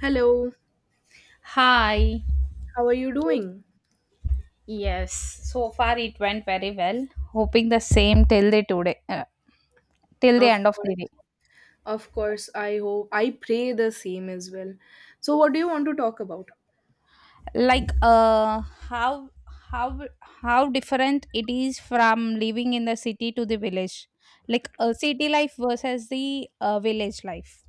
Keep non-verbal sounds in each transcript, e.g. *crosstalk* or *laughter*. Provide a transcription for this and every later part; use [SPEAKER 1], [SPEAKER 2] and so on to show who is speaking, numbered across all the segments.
[SPEAKER 1] Hello,
[SPEAKER 2] Hi.
[SPEAKER 1] how are you doing?
[SPEAKER 2] Yes, so far it went very well. Hoping the same till the today, till the
[SPEAKER 1] Of
[SPEAKER 2] end of
[SPEAKER 1] course,
[SPEAKER 2] the day.
[SPEAKER 1] of course. I hope, I pray the same as well. So, what do you want to talk about?
[SPEAKER 2] Like, uh, how how different it is from living in the city to the village, like a city life versus the village life.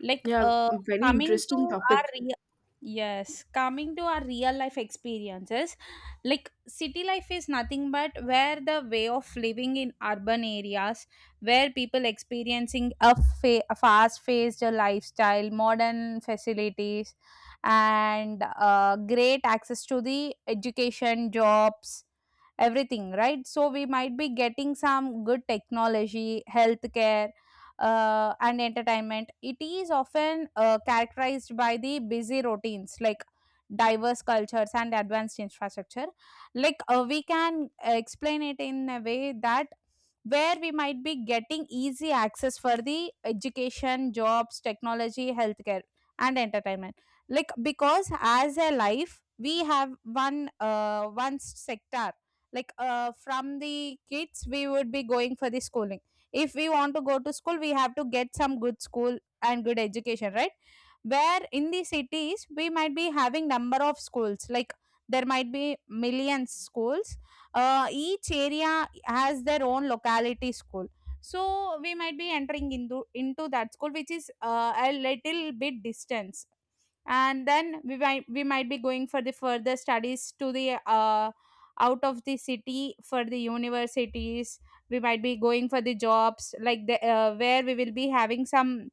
[SPEAKER 2] like
[SPEAKER 1] Yeah,
[SPEAKER 2] uh,
[SPEAKER 1] very
[SPEAKER 2] coming to
[SPEAKER 1] interesting
[SPEAKER 2] our
[SPEAKER 1] topic.
[SPEAKER 2] real yes, coming to our real life experiences. Like city life is nothing but where the way of living in urban areas where people experiencing a, a fast paced lifestyle, modern facilities, and great access to the education, jobs, everything, right? So we might be getting some good technology, healthcare, and entertainment. It is often characterized by the busy routines like diverse cultures and advanced infrastructure. Like we can explain it in a way that where we might be getting easy access for the education, jobs, technology, healthcare, and entertainment. Like because as a life, we have one one sector. Like from the kids, we would be going for the schooling. If we want to go to school we have to get some good school and good education, right? Where in the cities we might be having number of schools, like there might be millions schools. Each area has their own locality school, so we might be entering into that school, which is a little bit distance, and then we might be going for the further studies to the out of the city for the universities. We might be going for the jobs, like the where we will be having some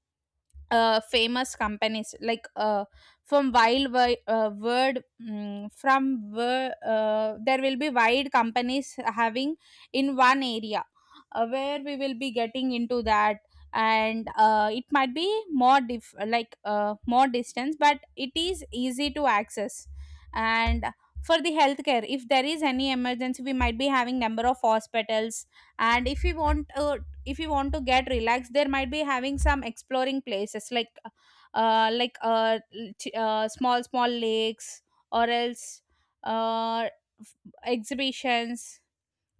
[SPEAKER 2] famous companies like from wild wi- word mm, from wo- there will be wide companies having in one area, where we will be getting into that. And it might be more more distance but it is easy to access. And for the healthcare, if there is any emergency we might be having number of hospitals. And if we want if you want to get relaxed, there might be having some exploring places, like small small lakes, or else uh f- exhibitions,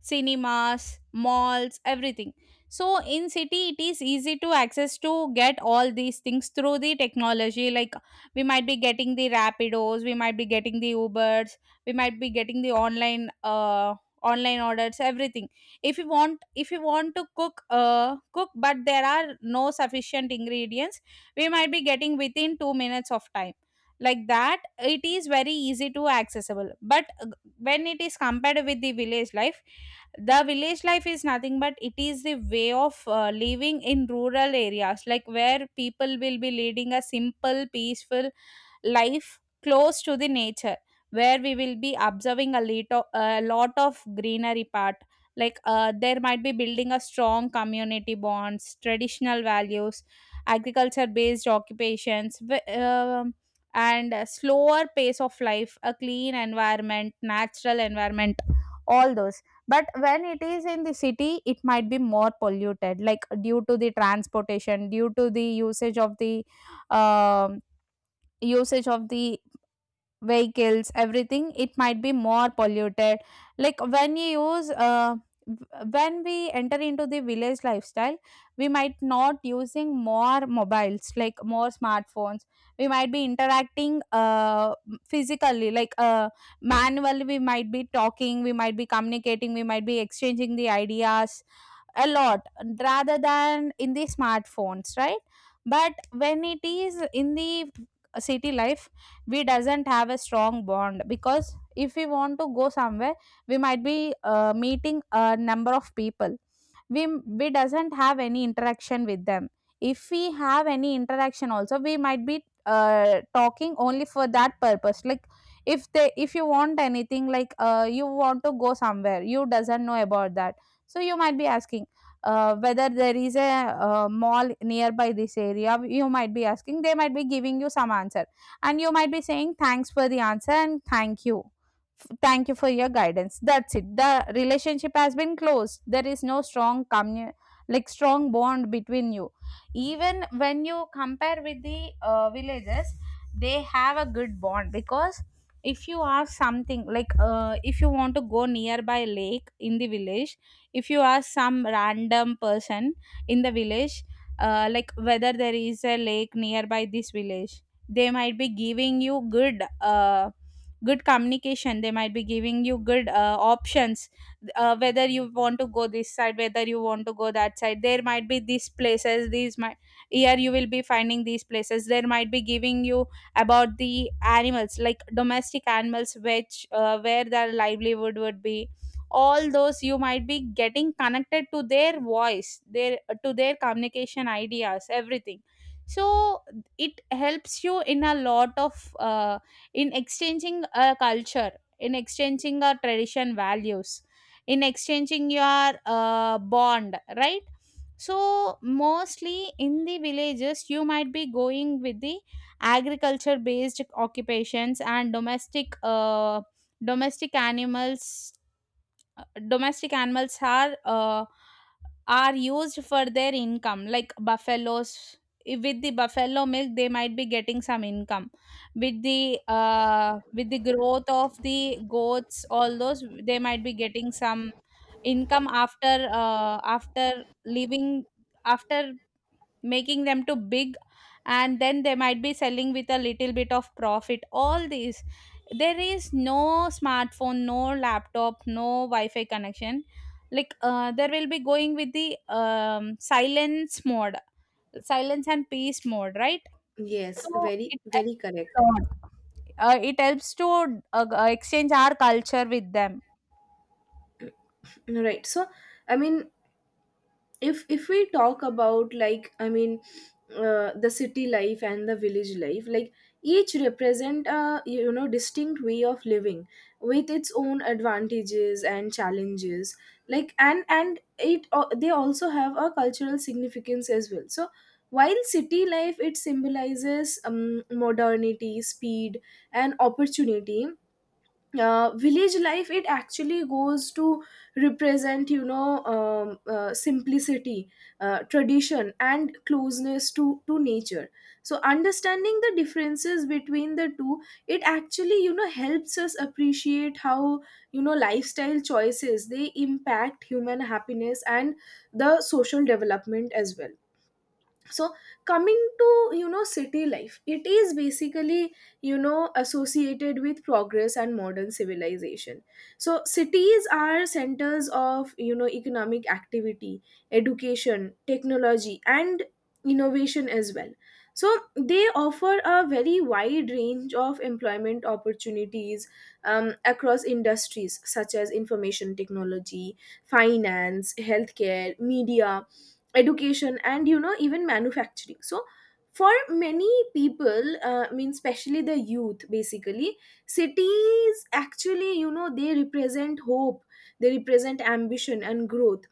[SPEAKER 2] cinemas, malls, everything. So in city it is easy to access to get all these things through the technology, like we might be getting the Rapidos, we might be getting the Ubers, we might be getting the online orders, everything. If you want, if you want to cook cook, but there are no sufficient ingredients, we might be getting within 2 minutes of time. Like that it is very easy to accessible. But when it is compared with the village life, the village life is nothing but it is the way of living in rural areas, like where people will be leading a simple peaceful life close to the nature, where we will be observing a, little, a lot of greenery part, like there might be building a strong community bonds, traditional values, agriculture based occupations, and a slower pace of life, a clean environment, natural environment, all those. But when it is in the city, it might be more polluted, like due to the transportation, due to the usage of the um usage of the vehicles, everything, it might be more polluted. Like when you use when we enter into the village lifestyle, we might not using more mobiles, like more smartphones. We might be interacting physically, like manually. We might be talking, we might be communicating, we might be exchanging the ideas a lot, rather than in the smartphones, right? But when it is in the city life, we doesn't have a strong bond, because if we want to go somewhere, we might be meeting a number of people. we we doesn't have any interaction with them. If we have any interaction also, we might be talking only for that purpose. Like if they, if you want anything, like you want to go somewhere, you doesn't know about that, so you might be asking whether there is a mall nearby this area. You might be asking, they might be giving you some answer, and you might be saying thanks for the answer and thank you, thank you for your guidance, that's it. The relationship has been closed, there is no like strong bond between you. Even when you compare with the villages, they have a good bond, because if you ask something, like if you want to go nearby lake in the village, if you ask some random person in the village, like whether there is a lake nearby this village, they might be giving you good good communication. They might be giving you good options, whether you want to go this side, whether you want to go that side. There might be these places, these might, here you will be finding these places. There might be giving you about the animals, like domestic animals, which where their livelihood would be, all those. You might be getting connected to their voice, their, to their communication, ideas, everything. So it helps you in a lot of in exchanging a culture, in exchanging a tradition values, in exchanging your bond, right? So mostly in the villages, you might be going with the agriculture based occupations, and domestic animals. Domestic animals are used for their income, like buffaloes. With the buffalo milk, they might be getting some income. With the with the growth of the goats, all those, they might be getting some income after after leaving, after making them too big, and then they might be selling with a little bit of profit, all these. There is no smartphone, no laptop, no wi-fi connection. Like there will be going with the silence mode, silence and peace mode, right?
[SPEAKER 1] Yes,
[SPEAKER 2] So
[SPEAKER 1] very,
[SPEAKER 2] it helps
[SPEAKER 1] very correct.
[SPEAKER 2] a lot. It helps to exchange our culture with them.
[SPEAKER 1] Right. So, I mean, if we talk about like the city life and the village life, like each represent a, you know, distinct way of living with its own advantages and challenges, like and it, they also have a cultural significance as well. So while city life, it symbolizes, modernity, speed, and opportunity, village life, it actually goes to represent, you know, simplicity, tradition, and closeness to nature. So understanding the differences between the two, it actually, you know, helps us appreciate how, you know, lifestyle choices, they impact human happiness and the social development as well. So coming to, you know, city life, it is basically, you know, associated with progress and modern civilization. So cities are centers of, you know, economic activity, education, technology, and innovation as well. So they offer a very wide range of employment opportunities, across industries such as information technology, finance, healthcare, media, education, and, you know, even manufacturing. So for many people, I mean especially the youth basically, cities actually, you know, they represent hope, they represent ambition and growth.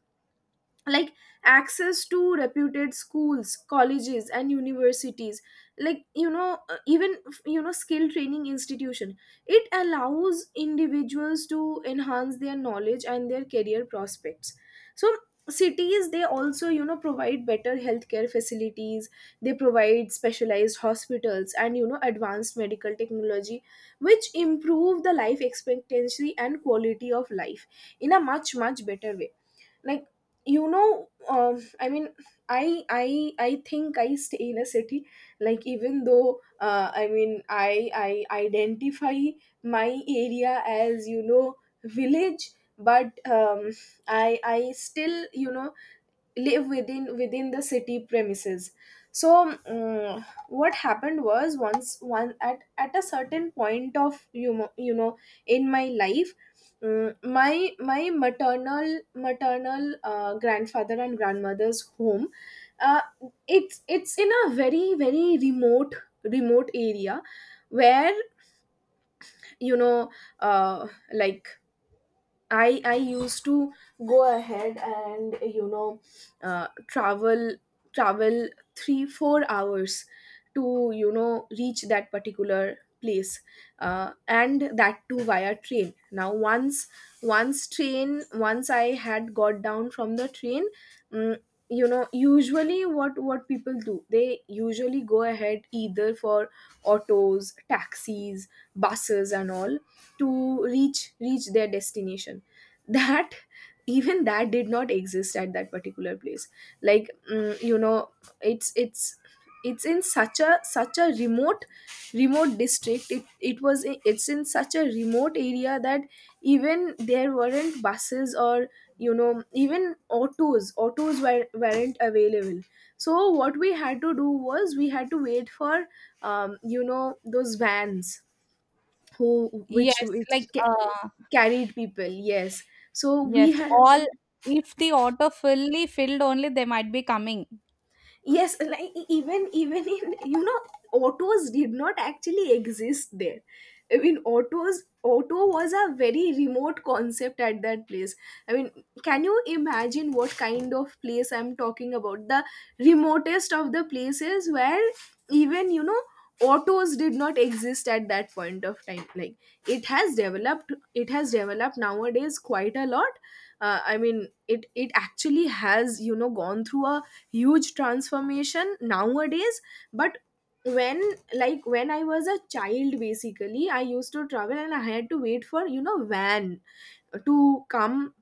[SPEAKER 1] Like access to reputed schools, colleges, and universities, like, you know, even, you know, skill training institution, it allows individuals to enhance their knowledge and their career prospects. So cities, they also, you know, provide better healthcare facilities, they provide specialized hospitals and, you know, advanced medical technology, which improve the life expectancy and quality of life in a much much better way. Like, you know, I mean, I think I stay in a city. Like even though, I mean, I identify my area as, you know, village, but I still, you know, live within the city premises. So, what happened was, once, one at a certain point of, you know, you know, in my life, my my maternal grandfather and grandmother's home, uh, it's in a very very remote remote area, where, you know, like I used to go ahead and, you know, travel, travel 3 or 4 hours to, you know, reach that particular place, and that too via train. Now once, once train once I had got down from the train, mm you know, usually what people do, they usually go ahead either for autos, taxis, buses, and all, to reach their destination. *laughs* That, even that did not exist at that particular place. Like, you know, it's it's it's in such a remote remote district, it's in such a remote area that even there weren't buses or, you know, even autos were, weren't available. So what we had to do was, we had to wait for, you know, those vans who, which
[SPEAKER 2] yes
[SPEAKER 1] which
[SPEAKER 2] like
[SPEAKER 1] ca-
[SPEAKER 2] uh,
[SPEAKER 1] carried people. Yes, so we
[SPEAKER 2] yes,
[SPEAKER 1] had,
[SPEAKER 2] all, if the auto fully filled only they might be coming.
[SPEAKER 1] yes like, even in, you know, autos did not actually exist there. I mean, auto was a very remote concept at that place. I mean, can you imagine what kind of place I'm talking about? The remotest of the places where even, you know, autos did not exist at that point of time. Like, it has developed nowadays quite a lot. I mean, it actually has, you know, gone through a huge transformation nowadays. But when, when I was a child basically, I used to travel and I had to wait for, you know, van to come.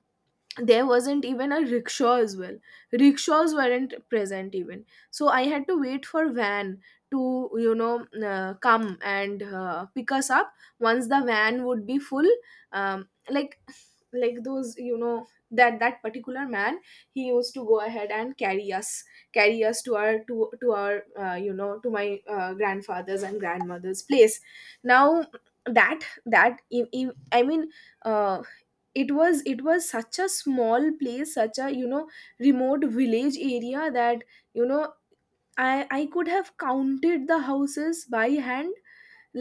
[SPEAKER 1] There wasn't even a rickshaw as well, rickshaws weren't present even. So I had to wait for van to, you know, come and pick us up. Once the van would be full, um, like like those, you know, that particular man, he used to go ahead and carry us to our, to our, you know, to my grandfather's and grandmother's place. Now, that that I mean uh, it was, it was such a small place, such a, you know, remote village area that, you know, I I could have counted the houses by hand.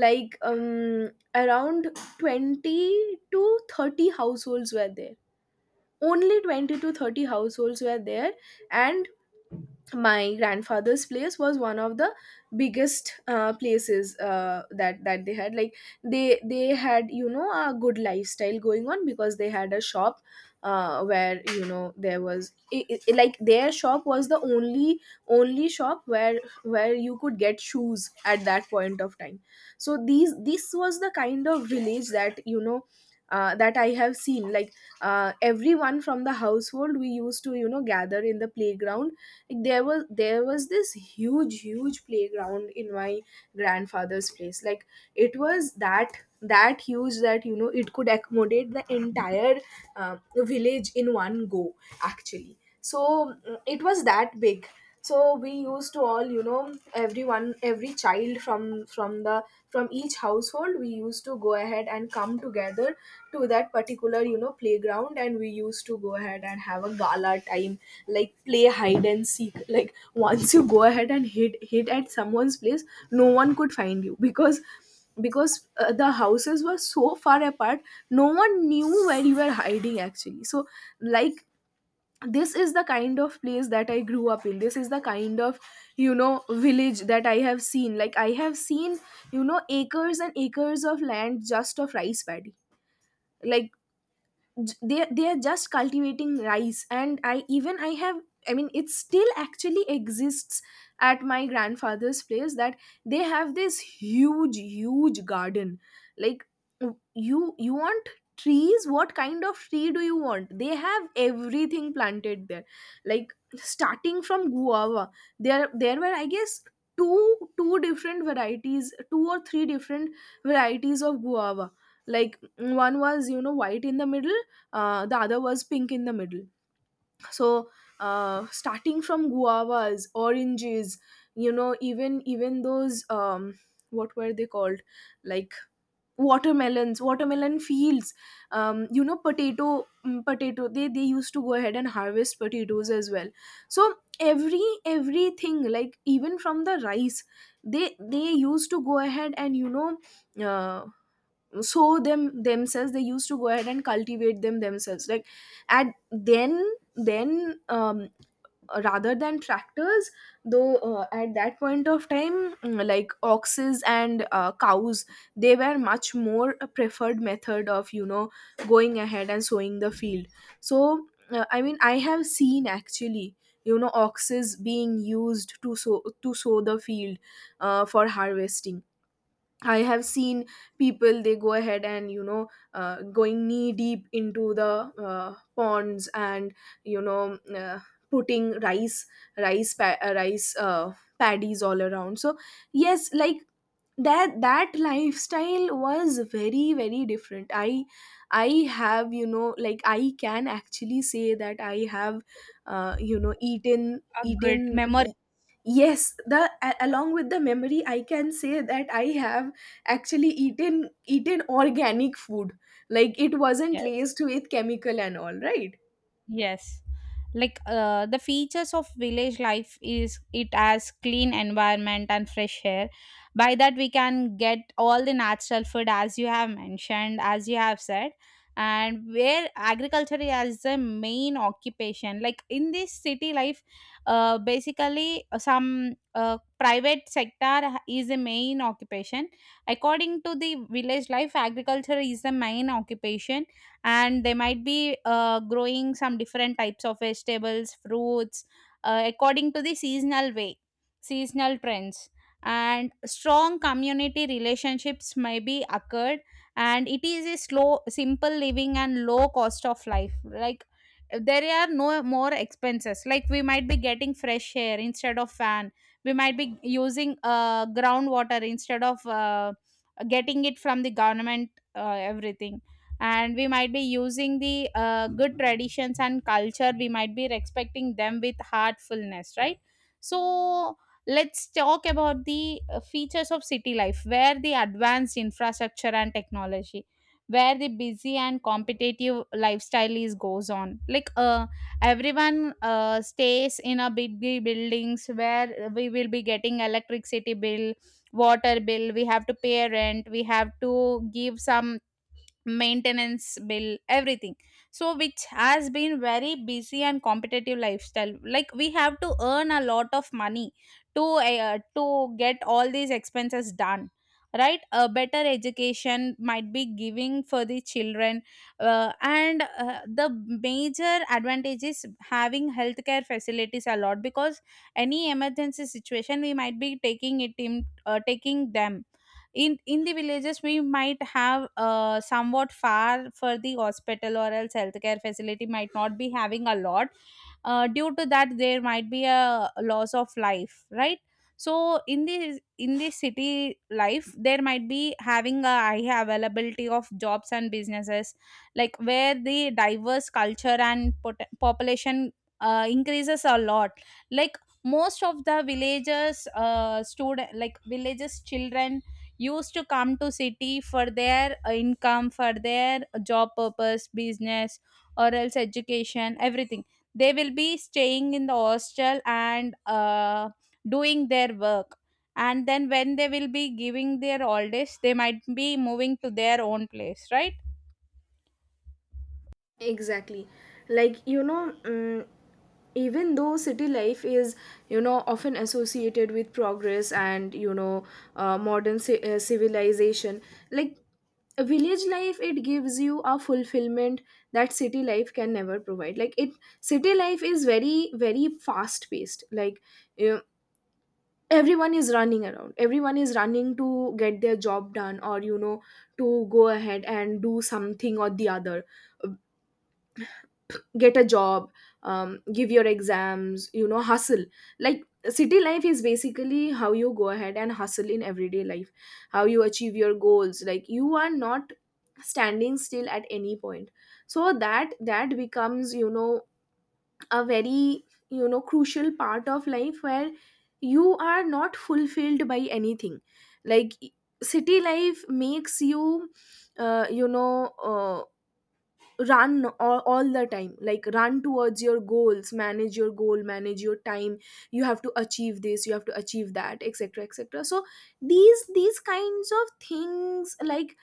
[SPEAKER 1] Like, around 20 to 30 households were there, only 20 to 30 households were there. And my grandfather's place was one of the biggest places that they had. Like they had, you know, a good lifestyle going on because they had a shop, where, you know, there was I like their shop was the only shop where you could get shoes at that point of time. So these this was the kind of village that, you know, that I have seen. Like, everyone from the household, we used to, you know, gather in the playground. Like there was, this huge huge playground in my grandfather's place. Like it was that, huge that, you know, it could accommodate the entire village in one go actually. So, it was that big. So we used to all, you know, everyone, every child from the from each household, we used to go ahead and come together to that particular, you know, playground, and we used to go ahead and have a gala time. Like play hide and seek, like once you go ahead and hit at someone's place, no one could find you because, the houses were so far apart, no one knew where you were hiding actually. So like this is the kind of place that I grew up in, this is the kind of, you know, village that I have seen. Like I have seen, you know, acres and acres of land, just of rice paddy. Like, they are just cultivating rice. And I have, I mean, it still actually exists at my grandfather's place that they have this huge huge garden. Like, you, want trees, what kind of tree do you want, they have everything planted there. Like starting from guava, there were I guess two different varieties, two or three different varieties of guava. Like one was, you know, white in the middle, the other was pink in the middle. So, starting from guavas, oranges, you know, even those, what were they called, like watermelons, watermelon fields, you know, potato, they used to go ahead and harvest potatoes as well. So everything, like even from the rice, they used to go ahead and, you know, uh, sow them themselves, they used to go ahead and cultivate them themselves. Like at, then rather than tractors, though, at that point of time, like oxes and, cows, they were much more a preferred method of, you know, going ahead and sowing the field. So, I mean, I have seen actually, you know, oxes being used to sow, the field. For harvesting, I have seen people, they go ahead and, you know, going knee deep into the ponds and, you know, putting rice, rice pa- uh, rice uh, paddies all around. So yes, like that, lifestyle was very very different. I have, you know, like I can actually say that I have, you know, eaten,
[SPEAKER 2] A good memory.
[SPEAKER 1] yes, the, along with the memory I can say that I have actually eaten organic food. Like it wasn't
[SPEAKER 2] Yes,
[SPEAKER 1] laced with chemical and all, right?
[SPEAKER 2] yes. Like the features of village life is it has clean environment and fresh air. By that we can get all the natural food as you have mentioned, as you have said, and where agriculture is the main occupation. Like in this city life, basically some private sector is the main occupation. According to the village life, agriculture is the main occupation, and they might be growing some different types of vegetables, fruits, according to the seasonal way, seasonal trends. And strong community relationships may be occurred, and it is a slow simple living and low cost of life. Like there are no more expenses, like we might be getting fresh air instead of fan. We might be using groundwater instead of getting it from the government, everything. And we might be using the good traditions and culture, we might be respecting them with heartfulness, right? So let's talk about the features of city life, where the advanced infrastructure and technology, where the busy and competitive lifestyle is goes on. Like everyone stays in a big big buildings, where we will be getting electricity bill, water bill, we have to pay rent, we have to give some maintenance bill, everything. So which has been very busy and competitive lifestyle, like we have to earn a lot of money to get all these expenses done, right? A better education might be giving for the children, and the major advantage is having healthcare facilities a lot, because any emergency situation we might be taking it in taking them in the villages we might have somewhat far for the hospital, or else healthcare facility might not be having a lot. Due to that, there might be a loss of life, right? So in the, in the city life, there might be having a high availability of jobs and businesses, like where the diverse culture and population increases a lot. Like most of the villagers, student like villages children used to come to city for their income, for their job purpose, business, or else education, everything. They will be staying in the hostel and doing their work, and then when they will be giving their all days, they might be moving to their own place, right?
[SPEAKER 1] Exactly. Like, you know, even though city life is, you know, often associated with progress and, you know, civilization, like a village life, it gives you a fulfillment that city life can never provide. Like it city life is very very fast paced. Like, you know, everyone is running around, everyone is running to get their job done, or, you know, to go ahead and do something or the other, get a job, give your exams, you know, hustle. Like city life is basically how you go ahead and hustle in everyday life, how you achieve your goals, like you are not standing still at any point. So that, becomes, you know, a very, you know, crucial part of life where you are not fulfilled by anything. Like city life makes you, you know, run all the time, like run towards your goals, manage your goal, manage your time, you have to achieve this, you have to achieve that, etc, etc. So these kinds of things, like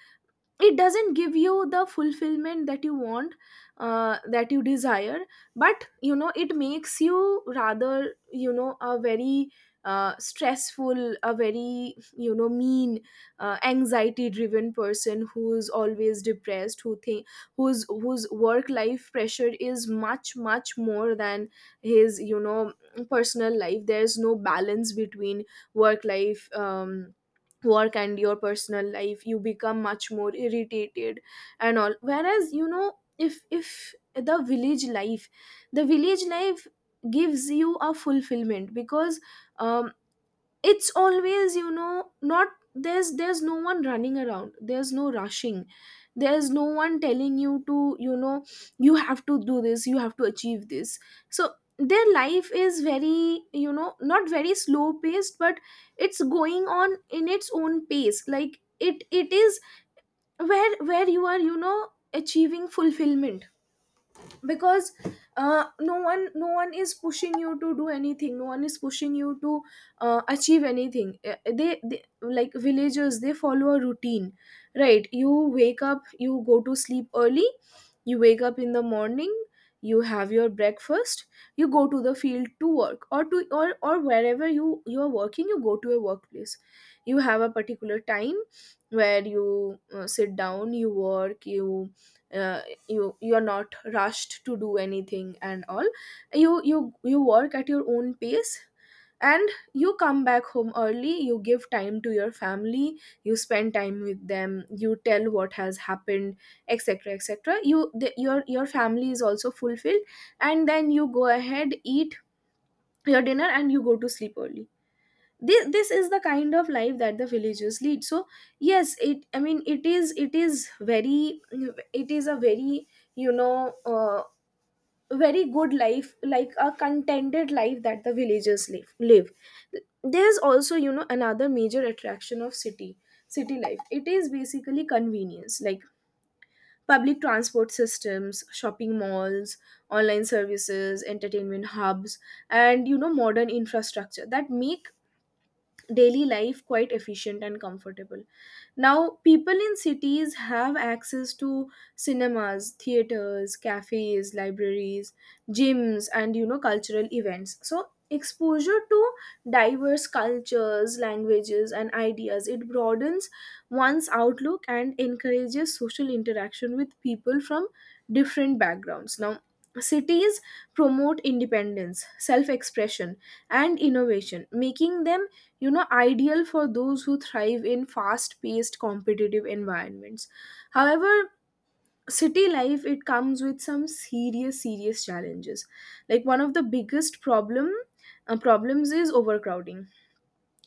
[SPEAKER 1] it doesn't give you the fulfillment that you want, that you desire. But you know it makes you rather, you know, a very stressful, a very, you know, mean anxiety driven person Who's always depressed, who think whose work life pressure is much much more than his, personal life. There's no balance between work life, work and your personal life. You become much more irritated and all, whereas if the village life, the village life gives you a fulfillment because, um, it's always, not, there's no one running around, there's no rushing, there's no one telling you to, you have to do this, you have to achieve this. So their life is very, not very slow paced, but it's going on in its own pace, like it is, where you are, achieving fulfillment, because no one is pushing you to do anything, no one is pushing you to achieve anything. They like villagers, they follow a routine, right? You wake up, you go to sleep early, you wake up in the morning, you have your breakfast, you go to the field to work, or to, or or wherever you are working, you go to a workplace. You have a particular time where you sit down, you work, you, uh, you're not rushed to do anything and all. You work at your own pace, and you come back home early, you give time to your family, you spend time with them, you tell what has happened, etc etc. you the, your family is also fulfilled, and then you go ahead, eat your dinner, and you go to sleep early. This is the kind of life that the villagers lead. So yes, it I mean it is very, it is a very, you know uh, very good life, like a contented life that the villagers live. There's also, another major attraction of city, city life. It is basically convenience, like public transport systems, shopping malls, online services, entertainment hubs, and, modern infrastructure that make daily life quite efficient and comfortable. Now, people in cities have access to cinemas, theaters, cafes, libraries, gyms, and, cultural events. So exposure to diverse cultures, languages, and ideas, it broadens one's outlook and encourages social interaction with people from different backgrounds. Now, cities promote independence, self expression, and innovation, making them, ideal for those who thrive in fast paced competitive environments. However, city life, it comes with some serious challenges. Like one of the biggest problem, problems is overcrowding.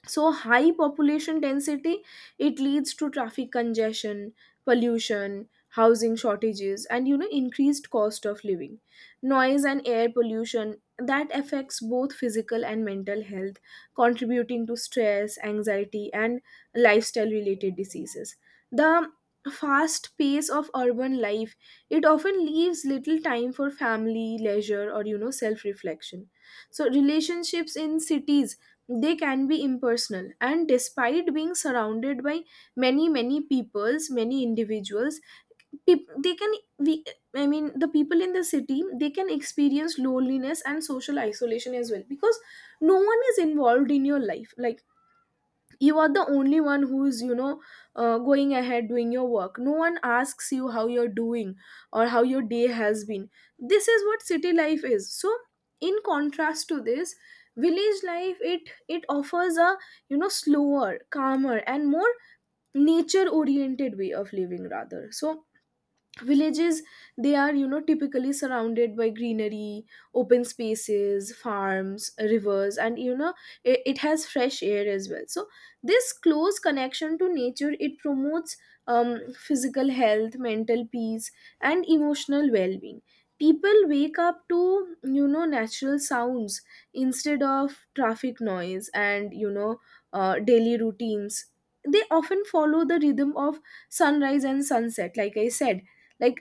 [SPEAKER 1] So high population density, it leads to traffic congestion, pollution, housing shortages, and, increased cost of living, noise and air pollution that affects both physical and mental health, contributing to stress, anxiety, and lifestyle related diseases. The fast pace of urban life, it often leaves little time for family, leisure, or, self reflection. So relationships in cities, they can be impersonal, and despite being surrounded by many peoples, many individuals, they can, we, I mean the people in the city, they can experience loneliness and social isolation as well, because no one is involved in your life. Like you are the only one who's, going ahead doing your work. No one asks you how you're doing or how your day has been. This is what city life is. So in contrast to this, village life, it offers a, slower, calmer, and more nature oriented way of living rather. So villages, they are, typically surrounded by greenery, open spaces, farms, rivers, and, it has fresh air as well. So this close connection to nature, it promotes, physical health, mental peace, and emotional well-being. People wake up to, natural sounds instead of traffic noise, and, daily routines, they often follow the rhythm of sunrise and sunset, like I said. Like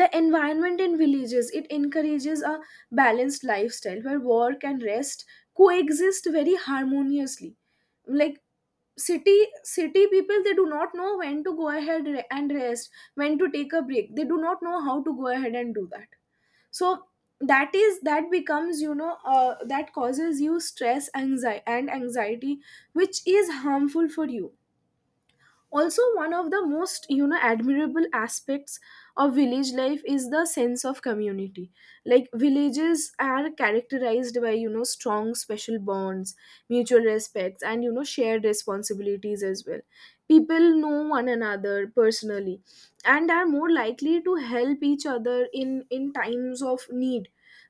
[SPEAKER 1] the environment in villages, it encourages a balanced lifestyle where work and rest coexist very harmoniously. Like city, city people, they do not know when to go ahead and rest, when to take a break. They do not know how to go ahead and do that. So that is, that becomes, that causes you stress, anxiety, and anxiety, which is harmful for you. Also, one of the most, admirable aspects of village life is the sense of community. Like villages are characterized by, strong special bonds, mutual respects, and, shared responsibilities as well. People know one another personally and are more likely to help each other in times of need.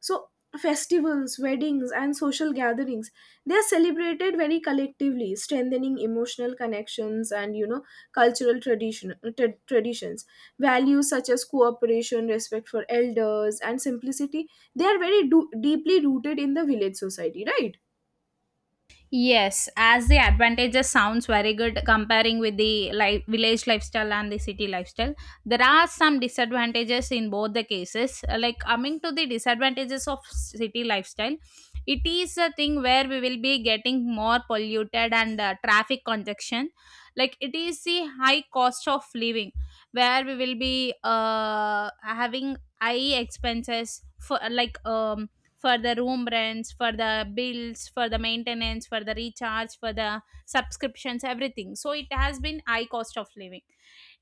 [SPEAKER 1] So festivals, weddings, and social gatherings, they are celebrated very collectively, strengthening emotional connections and, cultural traditions. Values such as cooperation, respect for elders, and simplicity, they are very deeply rooted in the village society, right?
[SPEAKER 2] Yes, as the advantages sounds very good comparing with the life, village lifestyle and the city lifestyle. There are some disadvantages in both the cases. Like coming to the disadvantages of city lifestyle, it is a thing where we will be getting more polluted and traffic congestion. Like it is the high cost of living where we will be having high expenses for like for the room rents, for the bills, for the maintenance, for the recharge, for the subscriptions, everything. So it has been high cost of living.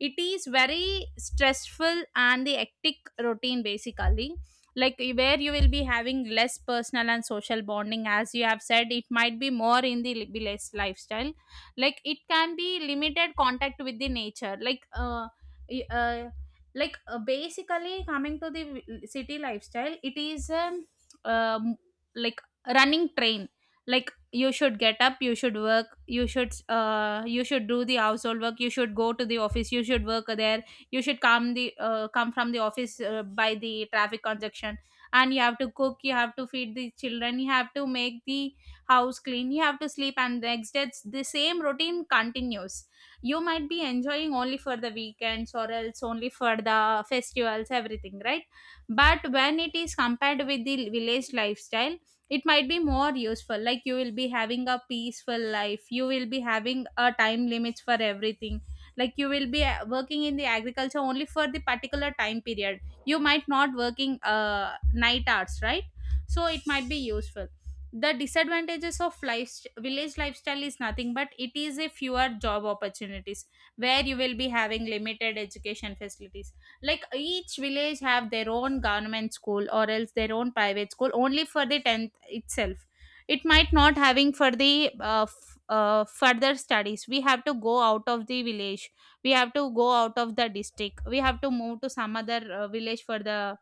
[SPEAKER 2] It is very stressful and the hectic routine basically, like where you will be having less personal and social bonding as you have said. It might be more in the village lifestyle. Like it can be limited contact with the nature, like y- uh basically coming to the city lifestyle, it is um, like running train. Like you should get up, you should work, you should do the household work, you should go to the office, you should work there, you should come the come from the office by the traffic congestion, and you have to cook, you have to feed the children, you have to make the house clean, you have to sleep, and the next day it's the same routine continues. You might be enjoying only for the weekends or else only for the festivals, everything, right? But when it is compared with the village lifestyle, it might be more useful. Like you will be having a peaceful life, you will be having a time limits for everything. Like you will be working in the agriculture only for the particular time period, you might not working night hours, right? So it might be useful. The disadvantages of life, village lifestyle is nothing but it is a fewer job opportunities, where you will be having limited education facilities. Like each village have their own government school or else their own private school only for the 10th itself. It might not having for the further studies. We have to go out of the village, we have to go out of the district, we have to move to some other village for the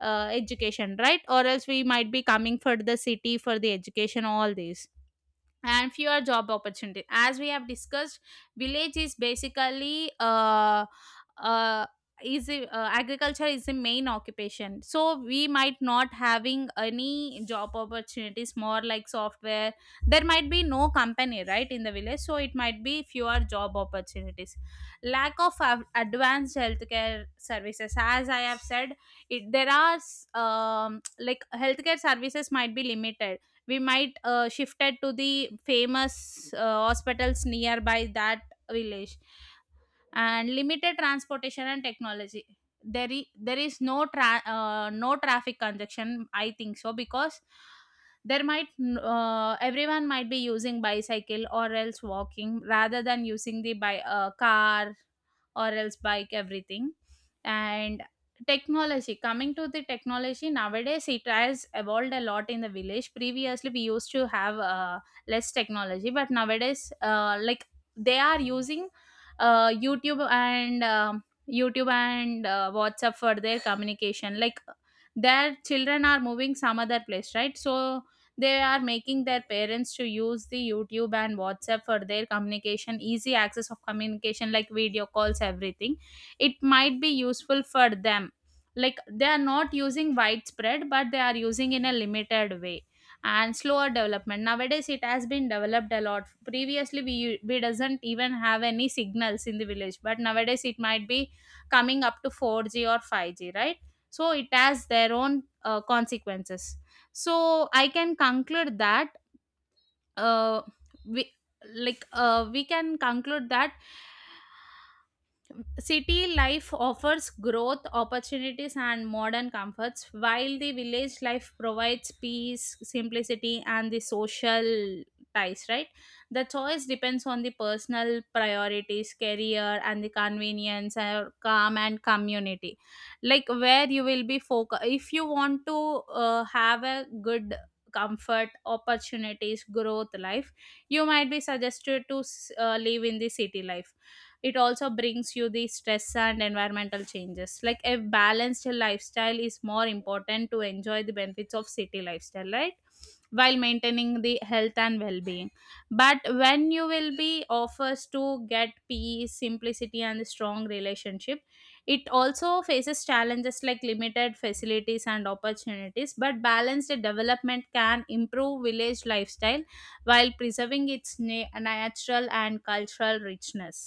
[SPEAKER 2] education, right? Or else we might be coming for the city for the education, all this. And fewer job opportunities, as we have discussed. Village is basically uh, agriculture is the main occupation, so we might not having any job opportunities more, like software. There might be no company right in the village, so it might be fewer job opportunities. Lack of advanced healthcare services, as I have said. There are like healthcare services might be limited. We might shifted to the famous hospitals nearby that village. And limited transportation and technology. There is no no traffic congestion, I think so, because there might everyone might be using bicycle or else walking rather than using the car or else bike, everything. And technology, coming to the technology, nowadays it has evolved a lot in the village. Previously we used to have less technology, but nowadays like they are using YouTube and WhatsApp for their communication. Like their children are moving some other place, right? So they are making their parents to use the YouTube and WhatsApp for their communication, easy access of communication like video calls, everything. It might be useful for them. Like they are not using widespread, but they are using in a limited way. And slower development. Nowadays it has been developed a lot. Previously we doesn't even have any signals in the village, but nowadays it might be coming up to 4G or 5G, right? So it has their own consequences. So I can conclude that uh, we we can conclude that city life offers growth, opportunities, and modern comforts, while the village life provides peace, simplicity, and the social ties, right? The choice depends on the personal priorities, career, and the convenience, or calm and community. Like where you will be focused. If you want to have a good comfort, opportunities, growth life, you might be suggested to live in the city life. It also brings you the stress and environmental changes. Like a balanced lifestyle is more important to enjoy the benefits of city lifestyle, right, while maintaining the health and well-being. But when you will be offers to get peace, simplicity, and a strong relationship, it also faces challenges like limited facilities and opportunities, but balanced development can improve village lifestyle while preserving its natural and cultural richness.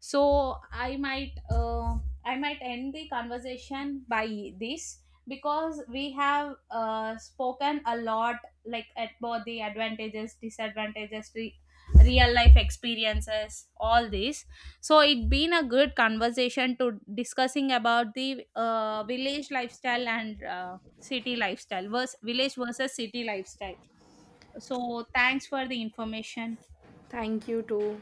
[SPEAKER 2] So I might I might end the conversation by this, because we have spoken a lot, like at both the advantages, disadvantages, real life experiences, all this. So it been a good conversation to discussing about the village lifestyle and city lifestyle, versus village versus city lifestyle. So thanks for the information.
[SPEAKER 1] Thank you too.